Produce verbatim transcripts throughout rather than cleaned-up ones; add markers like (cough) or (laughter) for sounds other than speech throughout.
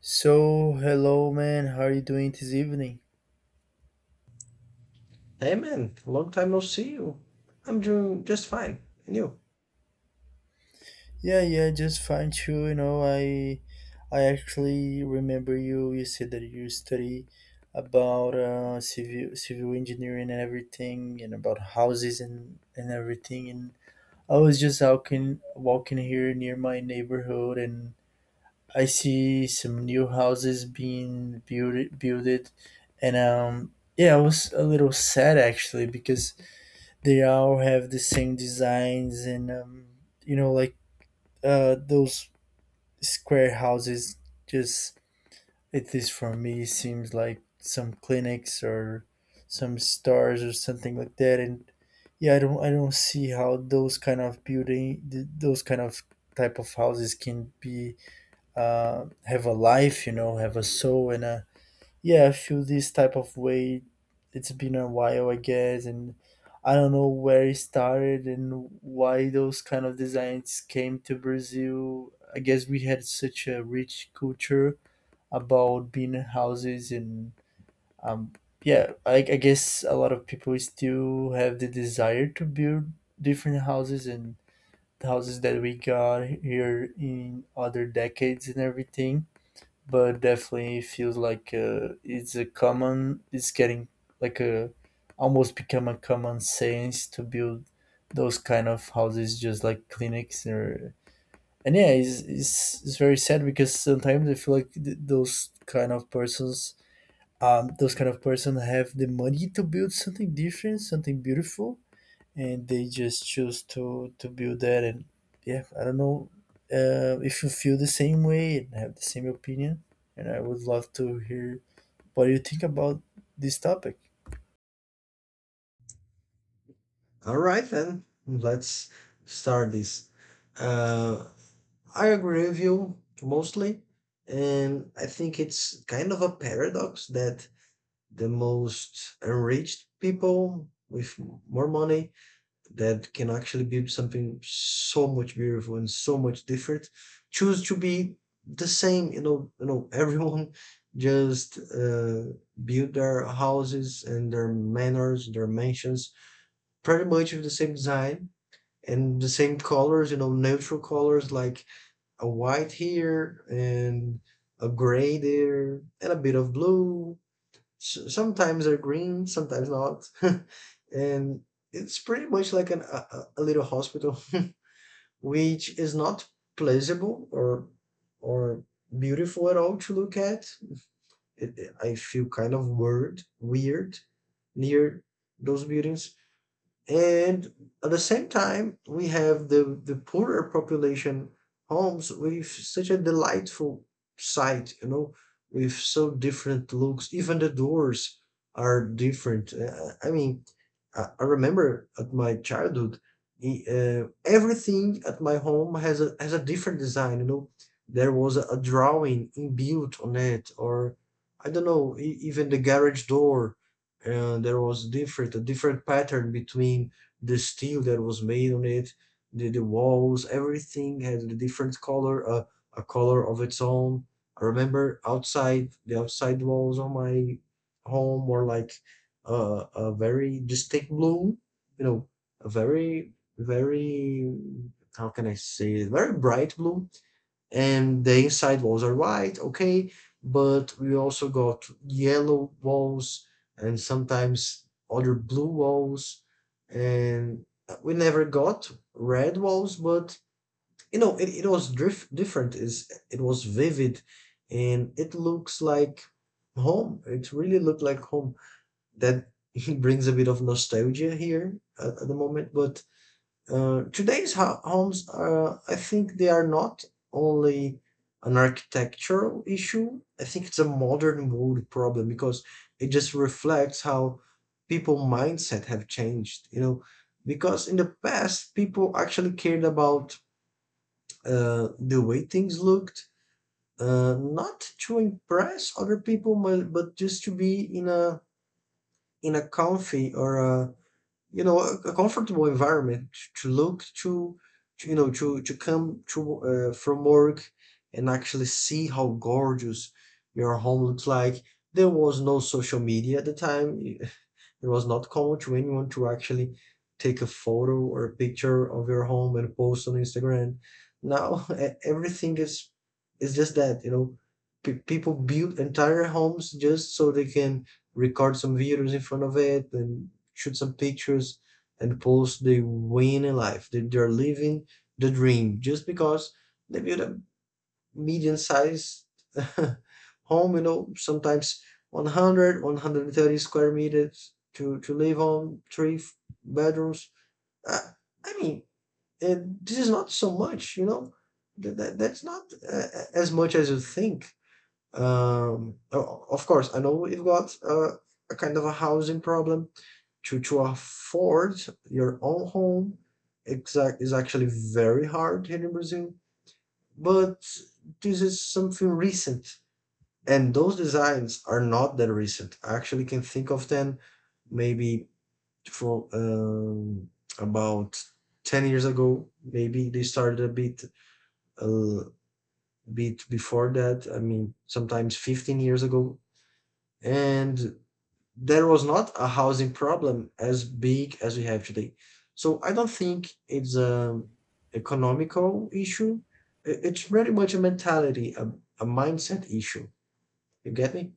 So, hello, man. How are you doing this evening? Hey, man, long time no see you. I'm doing just fine. And you? Yeah, yeah, just fine too. You know, I, I actually remember you. You said that you study about uh, civil civil engineering and everything, and about houses and and everything. And I was just walking walking here near my neighborhood, and I see some new houses being built built, and um, yeah, I was a little sad actually, because they all have the same designs and um, you know like uh, those square houses just at least for me seems like some clinics or some stores or something like that. And yeah, i don't i don't see how those kind of building, th- those kind of type of houses can be uh, have a life, you know have a soul, and a yeah, I feel this type of way. It's been a while, I guess, and I don't know where it started and why those kind of designs came to Brazil. I guess we had such a rich culture about being in houses, and um yeah, I, I guess a lot of people still have the desire to build different houses and the houses that we got here in other decades and everything, but definitely feels like uh, it's a common, it's getting like a, almost become a common sense to build those kind of houses just like clinics. Or, and yeah, it's, it's, it's very sad, because sometimes I feel like, th- those kind of persons, um those kind of person have the money to build something different, something beautiful, and they just choose to to build that. And yeah, I don't know, uh, if you feel the same way and have the same opinion, and I would love to hear what you think about this topic. All right, then, let's start this. Uh, I agree with you mostly. And I think it's kind of a paradox that the most enriched people with more money that can actually be something so much beautiful and so much different choose to be the same, you know you know (laughs) Everyone just uh, build their houses and their manors, their mansions pretty much with the same design and the same colors, you know, neutral colors like a white here and a gray there and a bit of blue. S- sometimes are green, sometimes not. (laughs) And it's pretty much like an, a, a a little hospital, (laughs) which is not pleasurable or or beautiful at all to look at. It, I feel kind of weird, weird near those buildings. And at the same time we have the the poorer population homes with such a delightful sight, you know, with so different looks. Even the doors are different. Uh, i mean i I remember at my childhood, i- uh, everything at my home has a has a different design, you know. There was a, a drawing inbuilt on it, or I don't know, e- even the garage door. And there was different a different pattern between the steel that was made on it, the, the walls. Everything had a different color, a, a color of its own. I remember outside, the outside walls on my home were like uh, a very distinct blue, you know, a very very how can I say it, very bright blue. And the inside walls are white, okay, but we also got yellow walls and sometimes other blue walls. And we never got red walls, but you know, it, it was drif- different. Is, it was vivid, and it looks like home. It really looked like home. That (laughs) brings a bit of nostalgia here at, at the moment. But uh, today's ho- homes, uh, I think they are not only an architectural issue. I think it's a modern world problem because it just reflects how people mindset have changed. You know, because in the past people actually cared about uh, the way things looked, uh, not to impress other people, but, but just to be in a in a comfy or a you know a, a comfortable environment to look to, to you know to to come to uh, from work and actually see how gorgeous your home looks like. There was no social media at the time. (laughs) It was not common to anyone to actually take a photo or a picture of your home and post on Instagram. Now (laughs) e- everything is is just that, you know. Pe People build entire homes just so they can record some videos in front of it and shoot some pictures and post they win in life. They, they're living the dream just because they build a medium sized (laughs) home, you know, sometimes one hundred, one hundred thirty square meters to, to live on, three f- bedrooms. Uh, I mean, uh, this is not so much, you know, that, that, that's not uh, as much as you think. Um, o- of course, I know we've got uh, a kind of a housing problem. To to afford your own home, exact is actually very hard here in Brazil. But this is something recent, and those designs are not that recent. I actually can think of them maybe from um, about ten years ago, maybe they started a bit a bit before that. I mean, sometimes fifteen years ago, and there was not a housing problem as big as we have today. So I don't think it's an economical issue. It's very much a mentality, a, a mindset issue. You get me?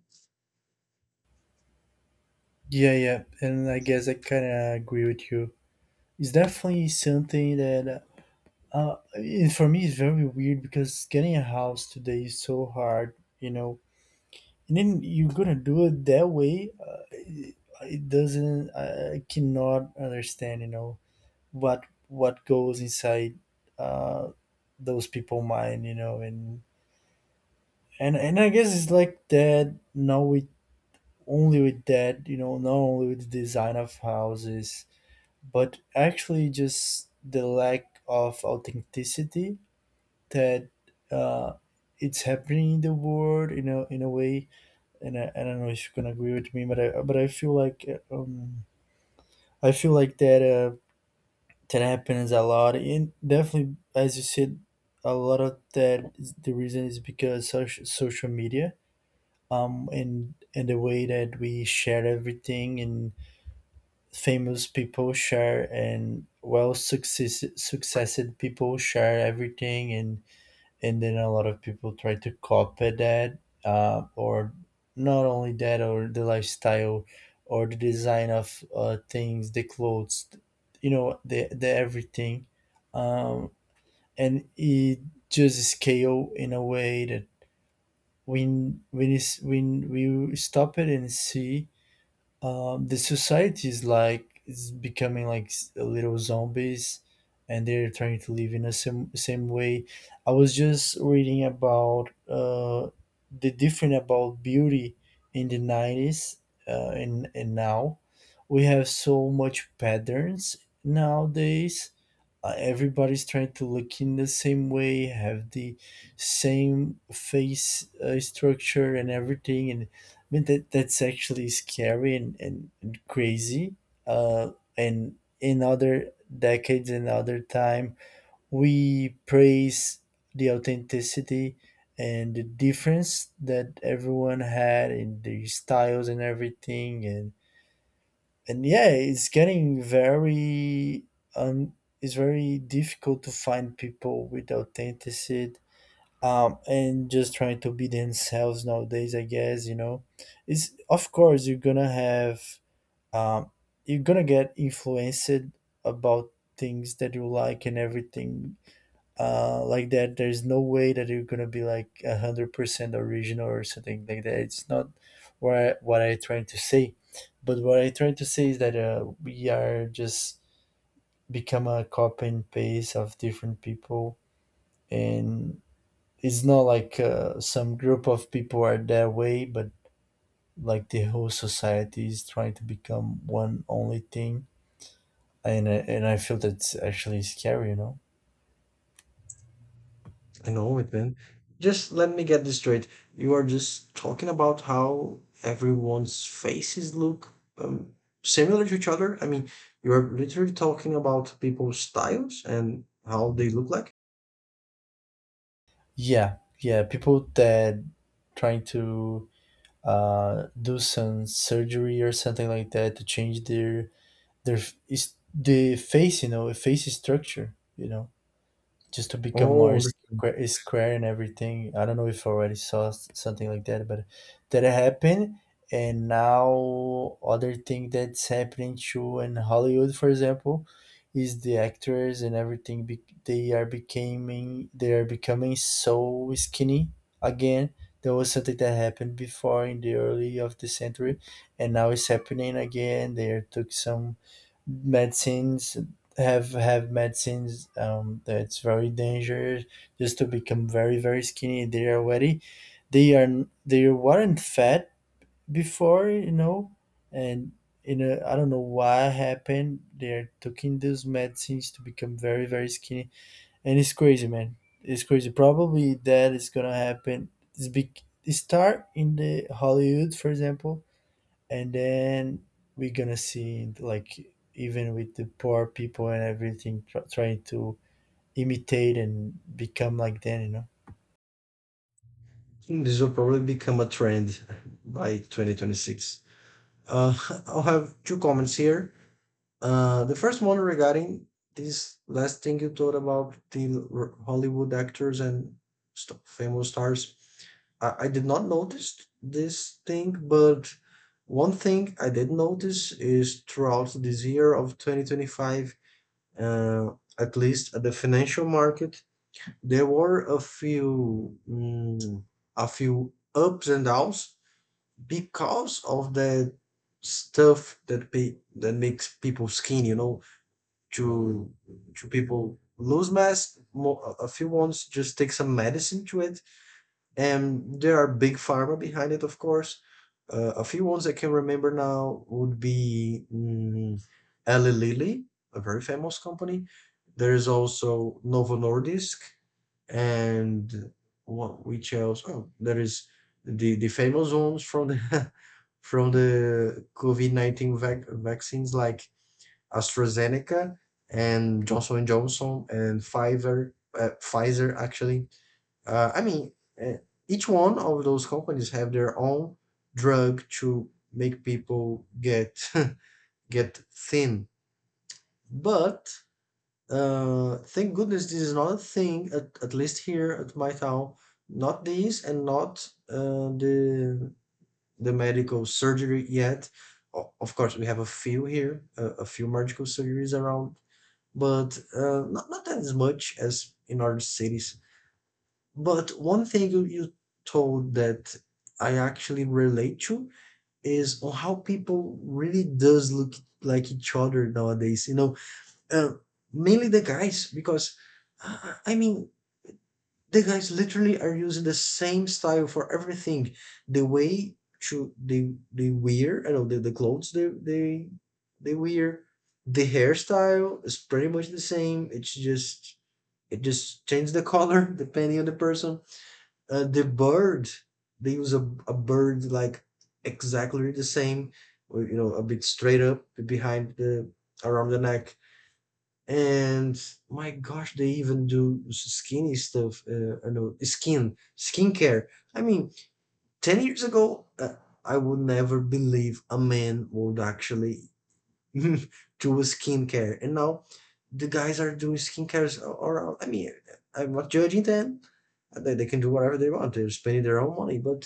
Yeah, yeah, and I guess I kind of agree with you. It's definitely something that, uh, and for me it's very weird, because getting a house today is so hard, you know and then you're gonna do it that way. Uh, it, it doesn't, i I cannot understand, you know what what goes inside uh, those people mind, you know, and and and I guess it's like that. Now with, only with that, you know, not only with the design of houses, but actually just the lack of authenticity, that uh, it's happening in the world, you know, in a way. And I, I don't know if you can agree with me, but I but I feel like um, I feel like that. Uh, that happens a lot, and definitely, as you said, a lot of that is, the reason is, because social, social media, um and and the way that we share everything, and famous people share, and well, success successed people share everything, and and then a lot of people try to copy that, uh, or not only that, or the lifestyle, or the design of uh, things, the clothes, you know the, the everything. um, and it just scale in a way that, when when it's, when we stop it and see, um, the society is like, is becoming like, s- a little zombies, and they're trying to live in the same same way. I was just reading about uh, the different about beauty in the nineties, uh, and and now we have so much patterns nowadays. Uh, everybody's trying to look in the same way, have the same face uh, structure and everything. And I mean, that that's actually scary and and, and crazy. Uh, and in other decades and other time, we praise the authenticity and the difference that everyone had in their styles and everything. And and yeah, it's getting very, um, it's very difficult to find people with authenticity, um, and just trying to be themselves nowadays. I guess, you know, it's, of course you're gonna have, um, you're gonna get influenced about things that you like and everything, uh, like that. There's no way that you're gonna be like a hundred percent original or something like that. It's not what I, what I trying to say, but what I trying to say is that uh, we are just become a copy and paste of different people, and it's not like uh, some group of people are that way, but like the whole society is trying to become one only thing. And I- and I feel that's actually scary, you know. I know it, man. Just let me get this straight. You are just talking about how everyone's faces look um, similar to each other. I mean, you're literally talking about people's styles and how they look like. Yeah, yeah, people that trying to uh, do some surgery or something like that to change their their is the face, you know, face structure, you know just to become more Oh, square, square and everything. I don't know if I already saw s- something like that, but that happened. And now other thing that's happening too in Hollywood, for example, is the actors and everything. Be- they are becoming they are becoming so skinny again. There was something that happened before in the early of the century, and now it's happening again. They took some medicines, have have medicines, um, that's very dangerous, just to become very very skinny. They are already, they are they weren't fat before, you know and, you know I don't know why happened, they're taking those medicines to become very very skinny, and it's crazy, man. It's crazy, probably that is gonna happen. It's big. Start in the Hollywood, for example, and then we're gonna see like, even with the poor people and everything, tr- trying to imitate and become like them you know think this will probably become a trend by twenty twenty-six. Uh, (laughs) I'll have two comments here. Uh, the first one regarding this last thing you told about the r- Hollywood actors and st- famous stars. I-, I did not notice this thing, but one thing I did notice is throughout this year of twenty twenty-five, uh, at least at the financial market, there were a few mm, a few ups and downs because of the stuff that pe- that makes people skinny. You know, to to people lose mass. Mo- a a few ones just take some medicine to it, and there are big pharma behind it, of course. Uh, a few ones I can remember now would be mm, Eli Lilly, a very famous company. There is also Novo Nordisk, and what, which else? Oh, there is the the famous ones from the (laughs) from the covid nineteen vac- vaccines, like AstraZeneca and Johnson and Johnson and Pfizer. uh, Pfizer actually uh, i mean uh, each one of those companies have their own drug to make people get (laughs) get thin. But uh, thank goodness this is not a thing, at, at least here at my town. Not this and not uh, the the medical surgery yet. O- Of course, we have a few here, a, a few medical surgeries around, but uh, not, not as much as in other cities. But one thing you, you told that I actually relate to is on how people really does look like each other nowadays. You know, uh, mainly the guys because uh, I mean the guys literally are using the same style for everything. The way to they they wear, I don't know, the, the clothes they they they wear, the hairstyle is pretty much the same. It's just it just changes the color (laughs) depending on the person. Uh, the bird they use a, a bird like exactly the same, or, you know, a bit straight up behind the around the neck. And my gosh, they even do skinny stuff. Uh, I know skin skincare. I mean, ten years ago, uh, I would never believe a man would actually (laughs) do a skincare, and now the guys are doing skincares a- around. I mean, I'm not judging them. Uh, They, they can do whatever they want. They're spending their own money, but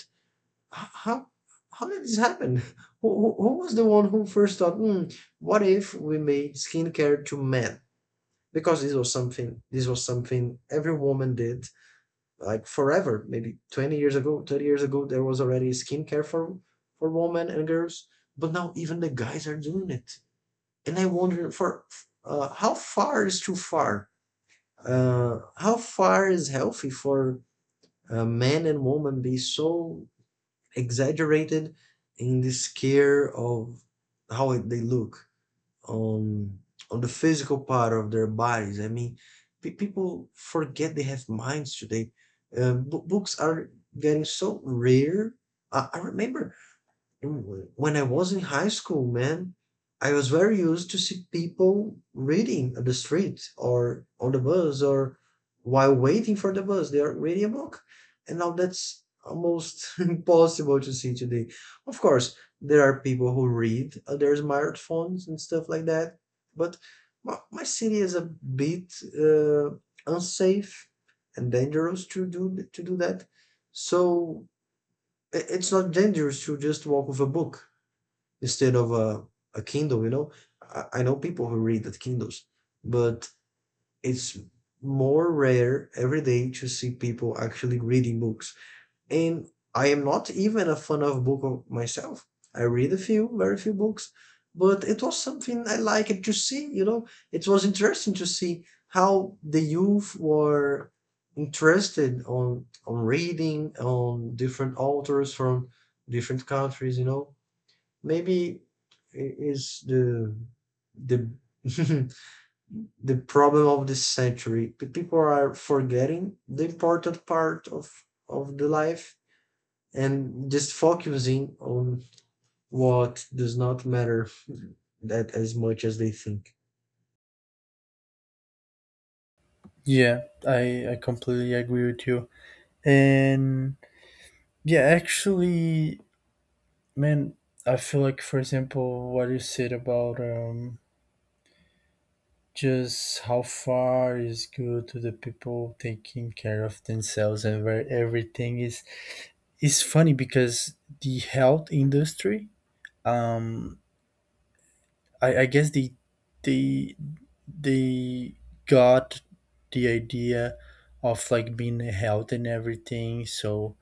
h- how how did this happen? (laughs) Who, who, who was the one who first thought, hmm, what if we made skincare to men? Because this was something this was something every woman did like forever. Maybe twenty years ago, thirty years ago, there was already skincare for for women and girls, but now even the guys are doing it. And I wonder for uh, how far is too far, uh, how far is healthy for uh, men and women be so exaggerated in this care of how they look on on the physical part of their bodies. I mean, pe people forget they have minds today. Uh, bo Books are getting so rare. I, I remember when I was in high school, man, I was very used to see people reading on the street or on the bus, or while waiting for the bus, they are reading a book. And now that's almost (laughs) impossible to see today. Of course, there are people who read on their smartphones and stuff like that, but my, my city is a bit uh, unsafe and dangerous to do to do that. So i- it's not dangerous to just walk with a book instead of a, a Kindle, you know. I, I know people who read at Kindles, but it's more rare every day to see people actually reading books. And I am not even a fan of book myself. I read a few, very few books, but it was something I liked to see, you know. It was interesting to see how the youth were interested on on reading on different authors from different countries, you know, maybe i- is the the (laughs) the problem of this century. Pe- People are forgetting the important part of of the life and just focusing on what does not matter (laughs) that as much as they think. Yeah, I, I completely agree with you. And yeah, actually, man, I feel like, for example, what you said about um, just how far is good to the people taking care of themselves and where everything is. It's funny, because the health industry, um, I, I guess, the the they got the idea of like being health and everything, so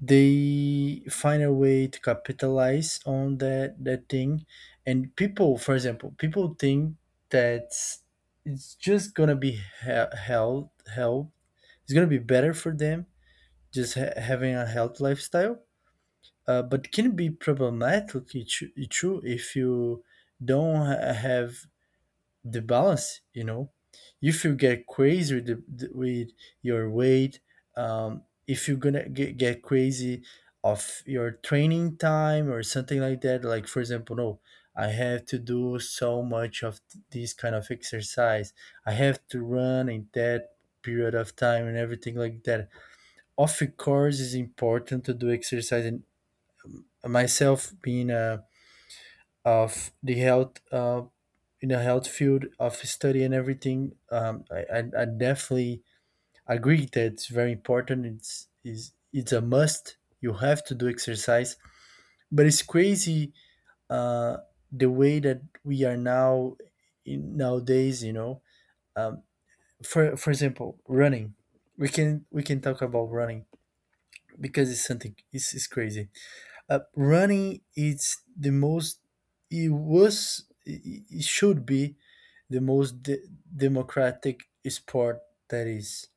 they find a way to capitalize on that that thing. And people, for example, people think that it's just gonna be, he- health health. It's gonna be better for them, just ha- having a health lifestyle. Uh, but can be problematic. It's it's true, if you don't ha- have the balance, you know if you get crazy with, the, the- with your weight, um, if you're gonna get, get crazy of your training time or something like that, like for example, no, I have to do so much of th- this kind of exercise, I have to run in that period of time and everything like that. Of course it's important to do exercise, and myself being a of the health uh, in the health field of study and everything, um, I, I, I definitely agree that it's very important, it's is it's a must, you have to do exercise. But it's crazy, uh, the way that we are now in nowadays, you know um, for for example, running, we can we can talk about running, because it's something, it's, it's crazy. Uh, running is the most, it was it it should be the most de- democratic sport that is,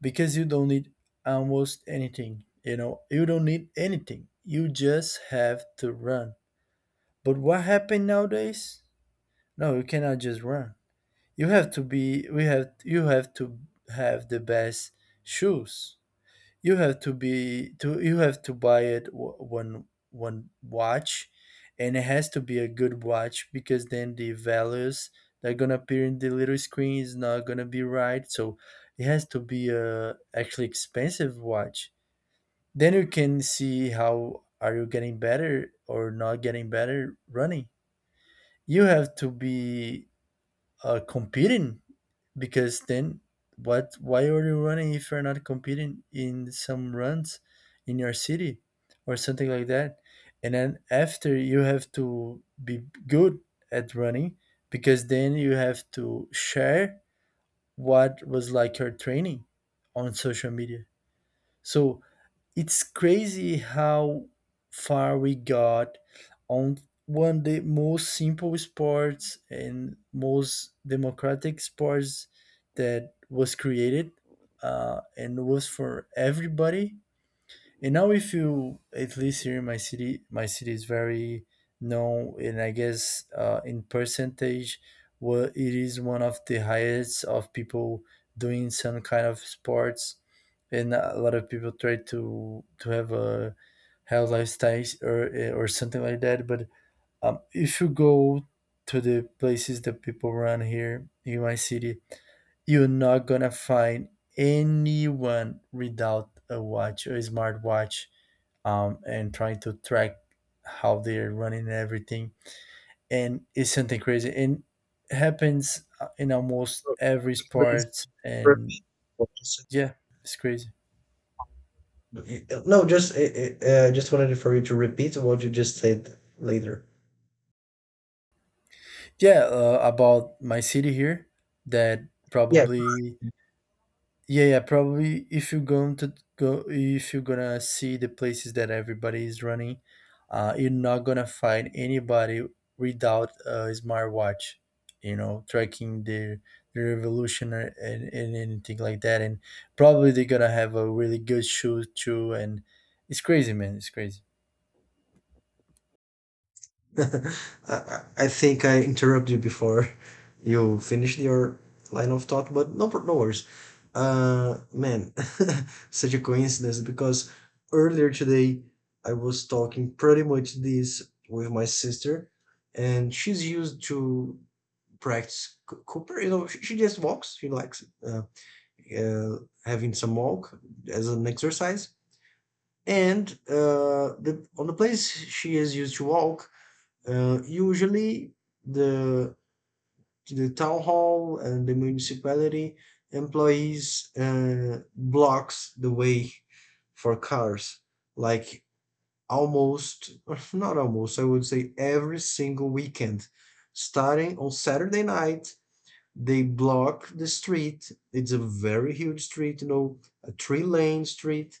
because you don't need almost anything, you know you don't need anything, you just have to run. But what happened nowadays, no, you cannot just run, you have to be we have you have to have the best shoes, you have to, be to you have to buy it, w- one one watch, and it has to be a good watch, because then the values that are gonna appear in the little screen is not gonna be right. So it has to be a actually expensive watch. Then you can see how are you getting better or not getting better running. You have to be, uh, competing, because then, what why are you running if you're not competing in some runs in your city or something like that. And then after, you have to be good at running, because then you have to share what was like your training on social media. So it's crazy how far we got on one of the most simple sports and most democratic sports that was created, uh, and was for everybody. And now, if you, at least here in my city, my city is very known, and I guess, uh, in percentage, well, it is one of the highest of people doing some kind of sports, and a lot of people try to to have a health lifestyle, or or something like that. But um, if you go to the places that people run here in my city, you're not gonna find anyone without a watch, a smartwatch, um, and trying to track how they're running and everything. And it's something crazy. And it happens, uh, in almost every sport. And yeah, it's crazy. No, just uh, uh, uh, just wanted for you to repeat what you just said later. Yeah, uh, about my city here, that Yeah, probably Yeah, yeah, probably if you're going to go, if you're gonna see the places that everybody is running, uh, you're not gonna find anybody without a smartwatch, you know, tracking their their evolution or, and, and anything like that. And probably they're gonna have a really good shoe too. And it's crazy, man. It's crazy. (laughs) I, I think I interrupted you before you finished your line of thought, but no, pro- no worries. Uh, man, (laughs) such a coincidence because earlier today I was talking pretty much this with my sister, and she's used to practice c- Cooper. You know, she, she just walks. She likes uh, uh, having some walk as an exercise. And uh, the, on the place she is used to walk, uh, usually, the the town hall and the municipality employees uh, blocks the way for cars, like almost (laughs) not almost, I would say every single weekend, starting on Saturday night. They block the street. It's a very huge street, you know, a three-lane street,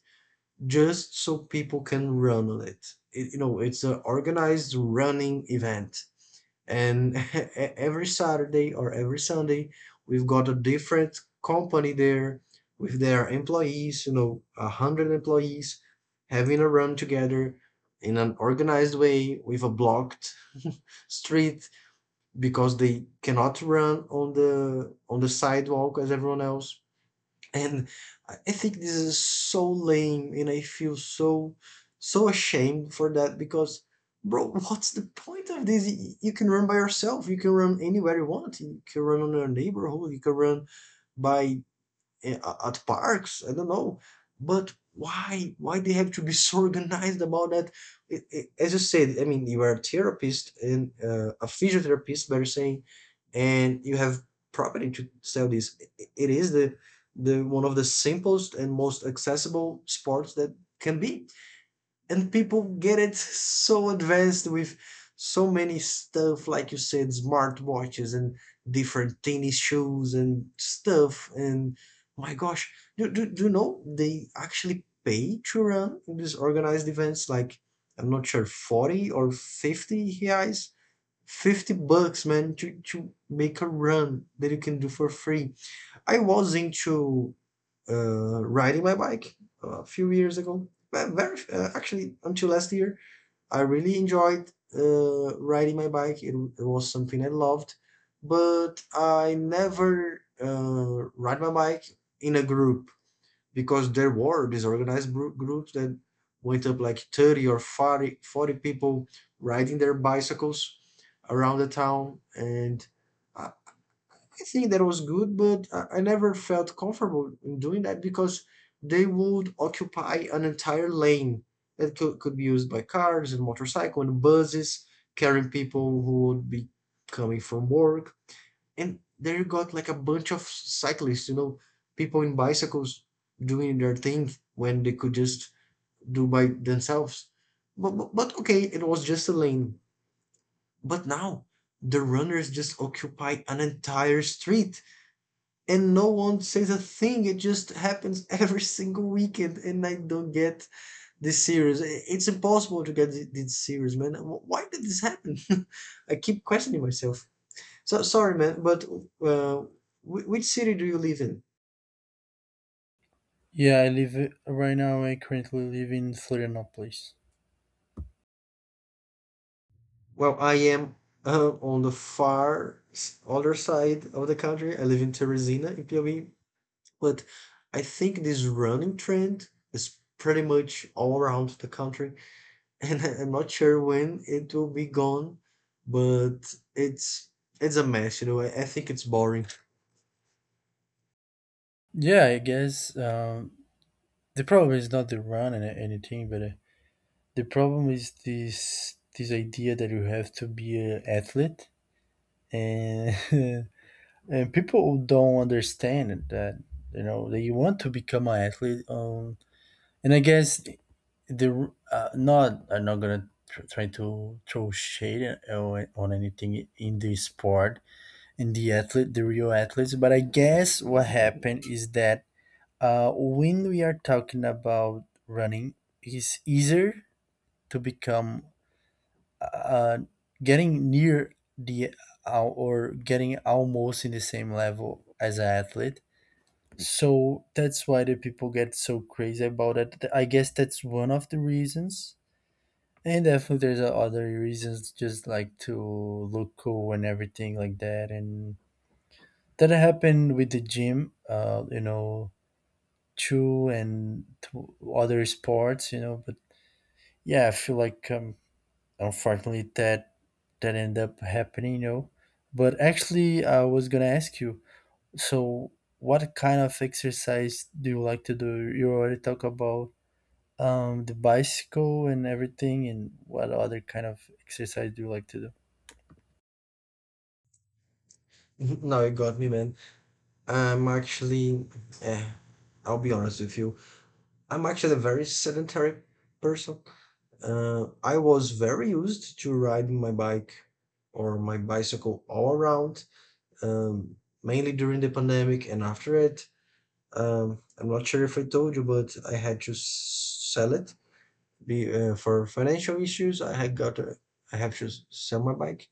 just so people can run on it. It you know, it's an organized running event, and (laughs) every Saturday or every Sunday we've got a different company there with their employees, you know, a hundred employees having a run together in an organized way with a blocked street, because they cannot run on the on the sidewalk as everyone else. And I think this is so lame, and I feel so so ashamed for that because, bro, (laughs) what's the point of this? You can run by yourself. You can run anywhere you want. You can run on your neighborhood. You can run by eh, at parks. I don't know, but why why they have to be so organized about that? It, it- as you said, I mean, you are a therapist and uh, a physiotherapist, better saying, and you have property to sell this. It, it is the the one of the simplest and most accessible sports that can be, and people get it so advanced with so many stuff, like you said, smartwatches and different tennis shoes and stuff. And my gosh, do, do, do you know they actually pay to run in these organized events? Like, I'm not sure, forty or fifty reais, fifty bucks, man, to, to make a run that you can do for free. I was into uh, riding my bike uh, a few years ago. Very, uh, actually, until last year, I really enjoyed uh, riding my bike. It, it was something I loved, but I never uh, ride my bike in a group, because there were disorganized group groups that went up like thirty or forty, forty people riding their bicycles around the town. And I, I think that was good, but I never felt comfortable in doing that because they would occupy an entire lane that could, could be used by cars and motorcycles and buses carrying people who would be coming from work. And there you got like a bunch of cyclists, you know, people in bicycles doing their thing when they could just do by themselves. But, but, but okay, it was just a lane. But now the runners just occupy an entire street and no one says a thing. It just happens (laughs) every single weekend, and I don't get this series. It's impossible to get this series, man. Why did this happen? (laughs) I keep questioning myself. So sorry, man, but uh, which city do you live in? Yeah, I live right now. I currently live in Florianopolis. Well, I am uh, on the far other side of the country. I live in Teresina, in Piauí, but I think this running trend is pretty much all around the country, and (laughs) I'm not sure when it will be gone, but it's it's a mess, you know. I, I think it's boring. Yeah, I guess um, the problem is not the run and anything, but. Uh, The problem is this this idea that you have to be an athlete, and (laughs) and people don't understand that you know that you want to become an athlete. Um, and I guess the uh, not I'm not gonna tr- try to throw shade on on anything in the sport and the athlete, the real athletes. But I guess what happened is that uh, when we are talking about running, it's easier to become uh, getting near the al- or getting almost in the same level as an athlete. So that's why the people get so crazy about it. I guess that's one of the reasons. And definitely there's other reasons just like to look cool and everything like that. And that happened with the gym, uh, you know, too, and to other sports, you know. But yeah, I feel like um, unfortunately, that that ended up happening, you know. But actually, I was gonna ask you. So, what kind of exercise do you like to do? You already talk about um, the bicycle and everything, and what other kind of exercise do you like to do? (laughs) Now you got me, man. I'm actually, eh, I'll be honest with you. I'm actually a very sedentary person. Uh, I was very used to riding my bike or my bicycle all around, um, mainly during the pandemic and after it. Um, I'm not sure if I told you, but I had to s- sell it be, uh, for financial issues. I had got to, I have to sell my bike.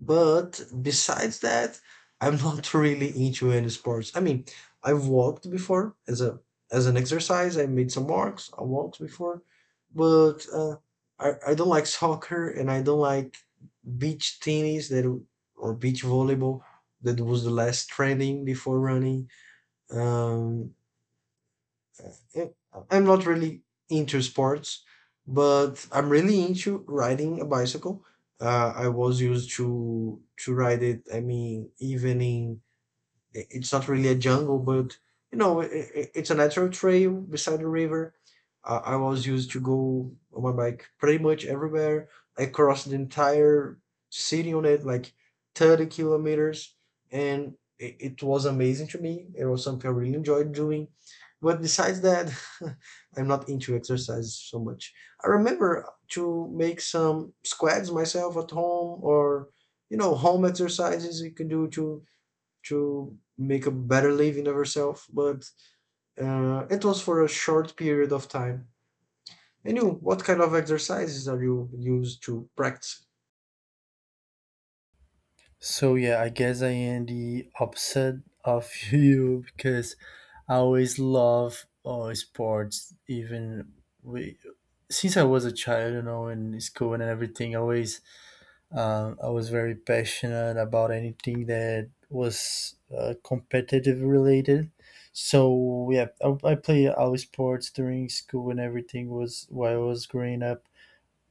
But besides that, I'm not (laughs) really into any sports. I mean, I've walked before as a as an exercise. I made some walks, I walked before, but uh, I, I don't like soccer, and I don't like beach tennis, that or beach volleyball, that was the last trending before running. um, I'm not really into sports, but I'm really into riding a bicycle. Uh, I was used to to ride it. I mean, even in i- it's not really a jungle, but you know, i i- it's a natural trail beside the river. I, I was used to go on my bike pretty much everywhere. I crossed the entire city on it, like 30 kilometers, and it, it was amazing to me. It was something I really enjoyed doing. But besides that, (laughs) I'm not into exercise so much. I remember to make some squats myself at home, or you know, home exercises you can do to to make a better living of herself, but uh, it was for a short period of time. And you, what kind of exercises are you used to practice? So yeah, I guess I am the opposite of (laughs) you because I always love uh, sports. Even we, since I was a child, you know, in school and everything, I always Um, I was very passionate about anything that was uh, competitive related. So yeah, I, I played all sports during school and everything was while I was growing up.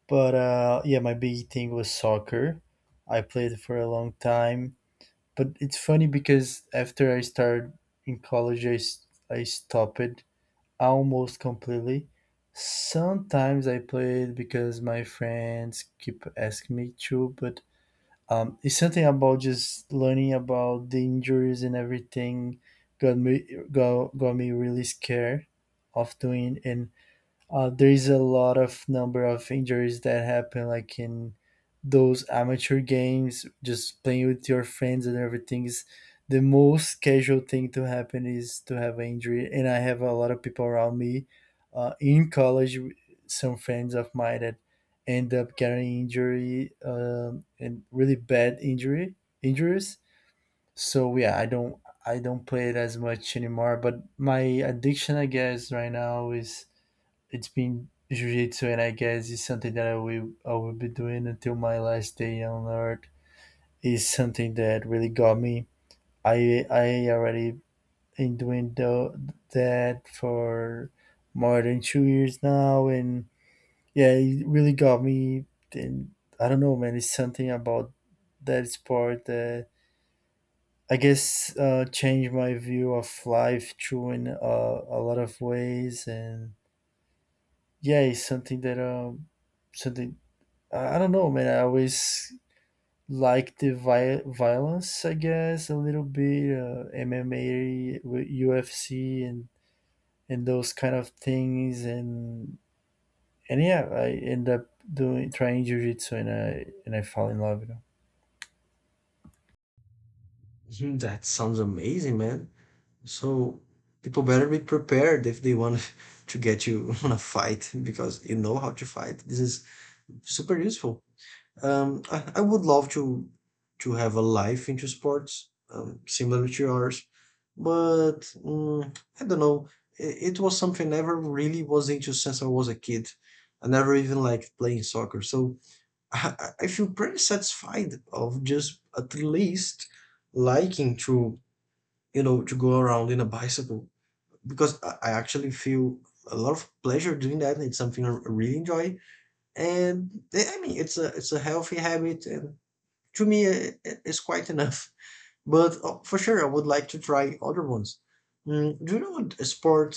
But uh, yeah, my big thing was soccer. I played for a long time, but it's funny because after I started in college, I, s- I stopped it almost completely. Sometimes I played because my friends keep asking me to, but um, it's something about just learning about the injuries and everything got me got, got me really scared of doing and uh, there is a lot of number of injuries that happen like in those amateur games, just playing with your friends and everything is the most casual thing to happen is to have an injury. And I have a lot of people around me uh, in college, some friends of mine that end up getting injury um, and really bad injury injuries. So yeah, I don't I don't play it as much anymore. But my addiction, I guess, right now is it's been jiu-jitsu, and I guess it's something that i will i will be doing until my last day on earth. Is something that really got me. I i already been doing the, that for more than two years now and yeah, it really got me. And I don't know, man, it's something about that sport that I guess uh changed my view of life too in uh, a lot of ways. And yeah, it's something that um something I I don't know, man. I always like the vi- violence, I guess, a little bit, uh, M M A, with U F C, and and those kind of things, and and yeah, I end up doing trying jujitsu, and I and I fall in love. You know, Mhm. That sounds amazing, man. So people better be prepared if they want (laughs) to get you (laughs) on a fight, because you know how to fight. This is super useful. Um, I, I would love to to have a life into sports, um, similar to yours, but mm, I don't know. It, it was something I never really was into since I was a kid. I never even liked playing soccer, so I, I I feel pretty satisfied of just at least liking to, you know, to go around in a bicycle, because I, I actually feel a lot of pleasure doing that. It's something I really enjoy, and eh, I mean it's a it's a healthy habit, and to me uh, is quite enough. But uh, for sure, I would like to try other ones. Mm, do you know what- a sport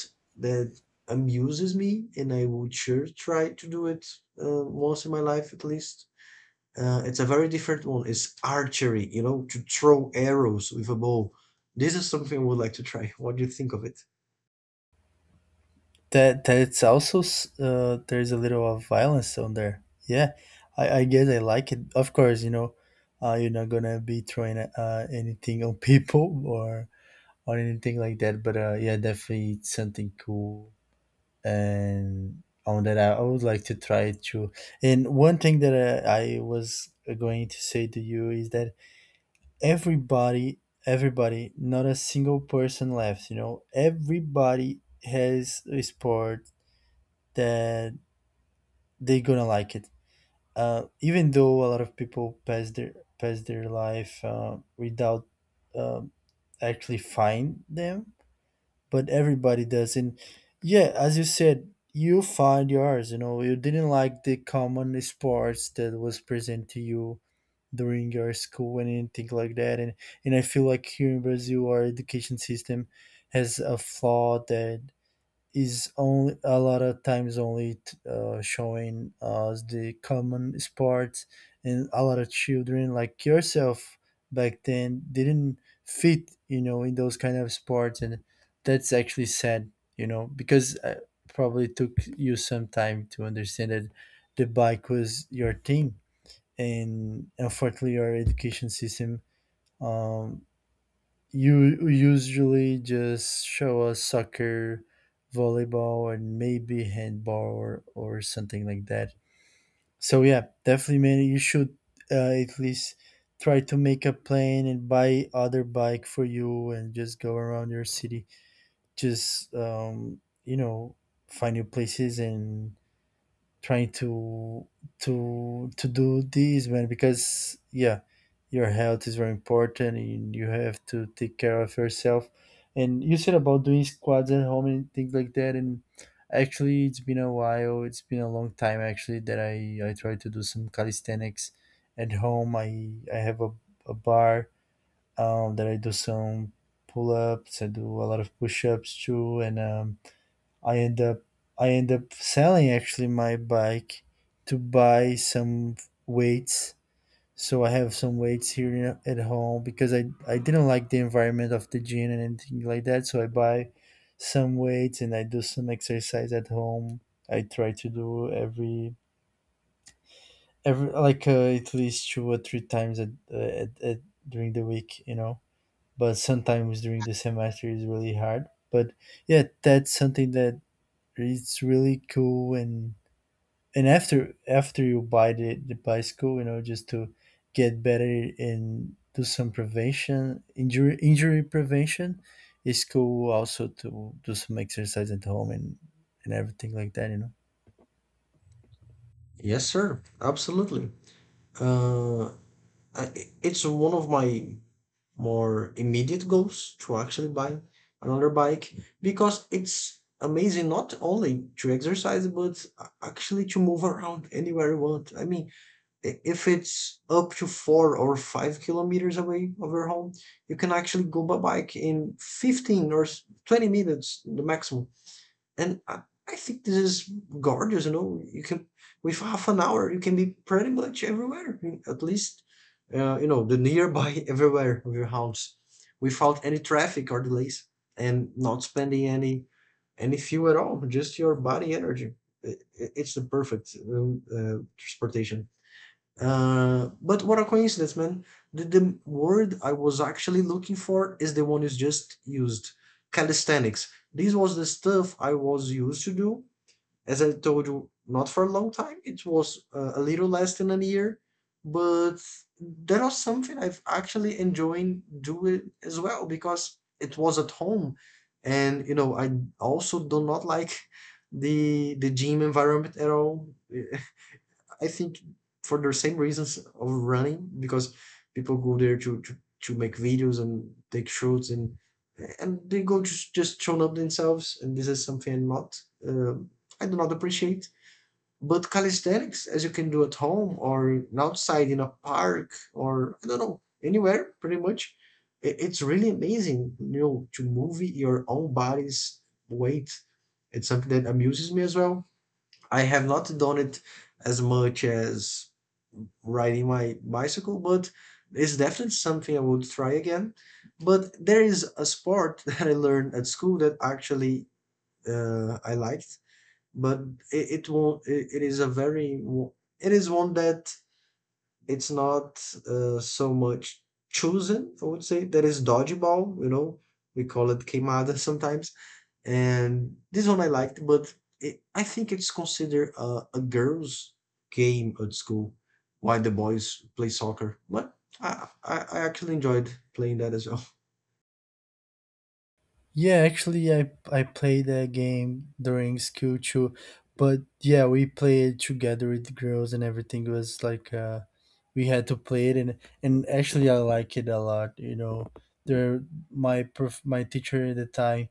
that amuses me and I would sure try to do it uh, once in my life at least? Uh, it's a very different one. It's archery, you know, to throw arrows with a bow. This is something I would like to try. What do you think of it? that that's also s- uh, there's a little of violence on there. Yeah, I, I guess I like it. Of course, you know, uh, you're not gonna be throwing uh, anything on people (laughs) or or anything like that. But uh, yeah, definitely it's something cool, and on that I, I would like to try to. And one thing that uh, I was uh, going to say to you is that everybody, everybody, not a single person left. You know, everybody has a sport that they're gonna like it. Uh, even though a lot of people pass their pass their life uh, without um actually find them, but everybody does. And yeah, as you said, you find yours. You know, you didn't like the common sports that was present to you during your school and anything like that. and and I feel like here in Brazil our education system has a flaw that is only a lot of times only t- uh, showing us the common sports, and a lot of children like yourself back then didn't fit, you know, in those kind of sports. And that's actually sad, you know, because uh probably took you some time to understand that the bike was your thing. And unfortunately, our education system um, you usually just show us soccer, volleyball, and maybe handball or, or something like that. So yeah, definitely, man, you should uh, at least try to make a plan and buy other bike for you and just go around your city. Just um, you know, find new places and trying to to to do this, man, because yeah, your health is very important and you have to take care of yourself. And you said about doing squats at home and things like that. And actually it's been a while, it's been a long time actually that i i tried to do some calisthenics at home. I i have a, a bar um that I do some pull-ups, I do a lot of push-ups too. And um I end up I end up selling actually my bike to buy some weights. So I have some weights here at home because I I didn't like the environment of the gym and anything like that. So I buy some weights and I do some exercise at home. I try to do every every like uh, at least two or three times at, uh, at, at during the week, you know. But sometimes during the semester is really hard. But yeah, that's something that it's really cool. and and after after you buy the, the bicycle, you know, just to get better and do some prevention injury injury prevention, it's cool also to do some exercise at home and and everything like that, you know. Yes, sir. Absolutely. Uh, I, it's one of my more immediate goals to actually buy another bike, because it's amazing not only to exercise but actually to move around anywhere you want. I mean, i- if it's up to four or five kilometers away of your home, you can actually go by bike in fifteen or s- twenty minutes, the maximum. And I, I think this is gorgeous. You know, you can with half an hour you can be pretty much everywhere. At least uh, you know, the nearby (laughs) everywhere of your house, without any traffic or delays, and not spending any any fuel at all. Just your body energy. I- i- It's the perfect um, uh, transportation. Uh, but what a coincidence, man. The, the word I was actually looking for is the one you just used, calisthenics. This was the stuff I was used to do, as I told you, not for a long time. It was uh, a little less than a year, but that was something I've actually enjoying doing as well, because it was at home. And you know, I also do not like the the gym environment at all. I think for the same reasons of running, because people go there to, to, to make videos and take shots, and and they go just just showing up themselves. And this is something I'm not uh, I do not appreciate. But calisthenics, as you can do at home or outside in a park or I don't know, anywhere, pretty much, it, it's really amazing. You know, to move your own body's weight. It's something that amuses me as well. I have not done it as much as riding my bicycle, but it's definitely something I would try again. But there is a sport (laughs) that I learned at school that actually uh, I liked, but it, it won't. It, it is a very. wo- It is one that it's not uh, so much chosen. I would say that is dodgeball. You know, we call it queimada (laughs) sometimes, and this one I liked, but it, I think it's considered a, a girls' game at school, while the boys play soccer. But I, I, I actually enjoyed playing that as well. Yeah, actually i i played that game during school too, but yeah, we played together with the girls and everything. It was like uh we had to play it, and and actually I like it a lot, you know. There my prof, my teacher at the time,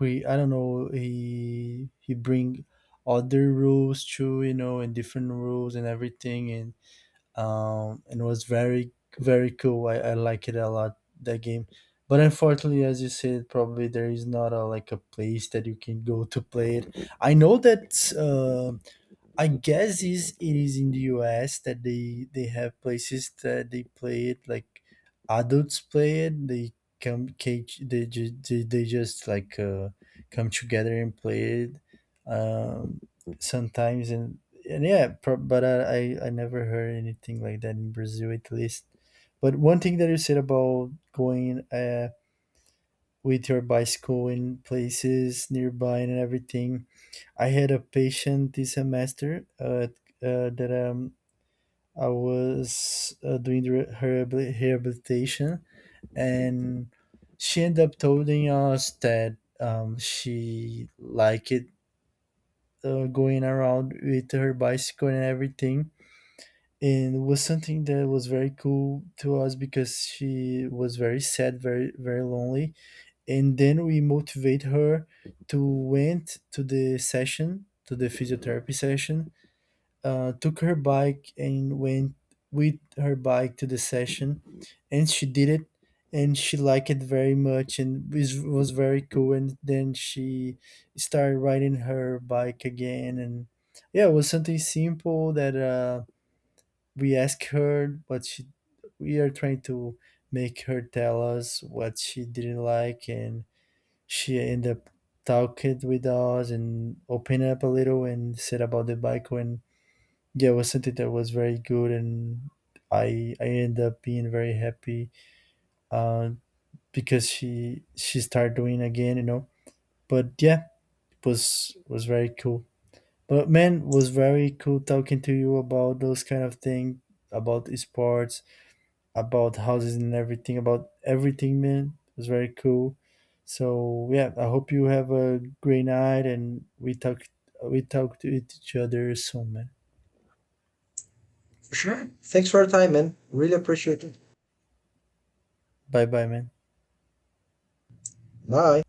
we I don't know, he he bring other rules too, you know, and different rules and everything. And um and it was very very cool. I, I like it a lot that game. But unfortunately, as you said, probably there is not a like a place that you can go to play it. I know that uh, I guess is it is in the U S that they they have places that they play it like adults play it. They come cage they ju- they, they just like uh, come together and play it um, sometimes. and and yeah. Pro- but I, I I never heard anything like that in Brazil at least. But one thing that you said about going uh, with your bicycle in places nearby and everything. I had a patient this semester uh, uh, that um, I was uh, doing the re- her habili- rehabilitation, and she ended up telling us that um, she liked it, uh, going around with her bicycle and everything. And it was something that was very cool to us because she was very sad, very very lonely, and then we motivate her to went to the session, to the physiotherapy session, uh, took her bike and went with her bike to the session. And she did it, and she liked it very much, and was, was very cool. And then she started riding her bike again. And yeah, it was something simple that uh, we asked her what she we are trying to make her tell us what she didn't like, and she ended up talking with us and opening up a little and said about the bike. And yeah, it was something that was very good. And i i ended up being very happy, uh, because she she started doing again, you know. But yeah, it was was very cool. But man, was very cool talking to you about those kind of thing, about sports, about houses and everything, about everything, man. It was very cool. So yeah, I hope you have a great night, and we talk we talk to each other soon, man. Sure. Thanks for your time, man. Really appreciate it. Bye bye, man. Bye.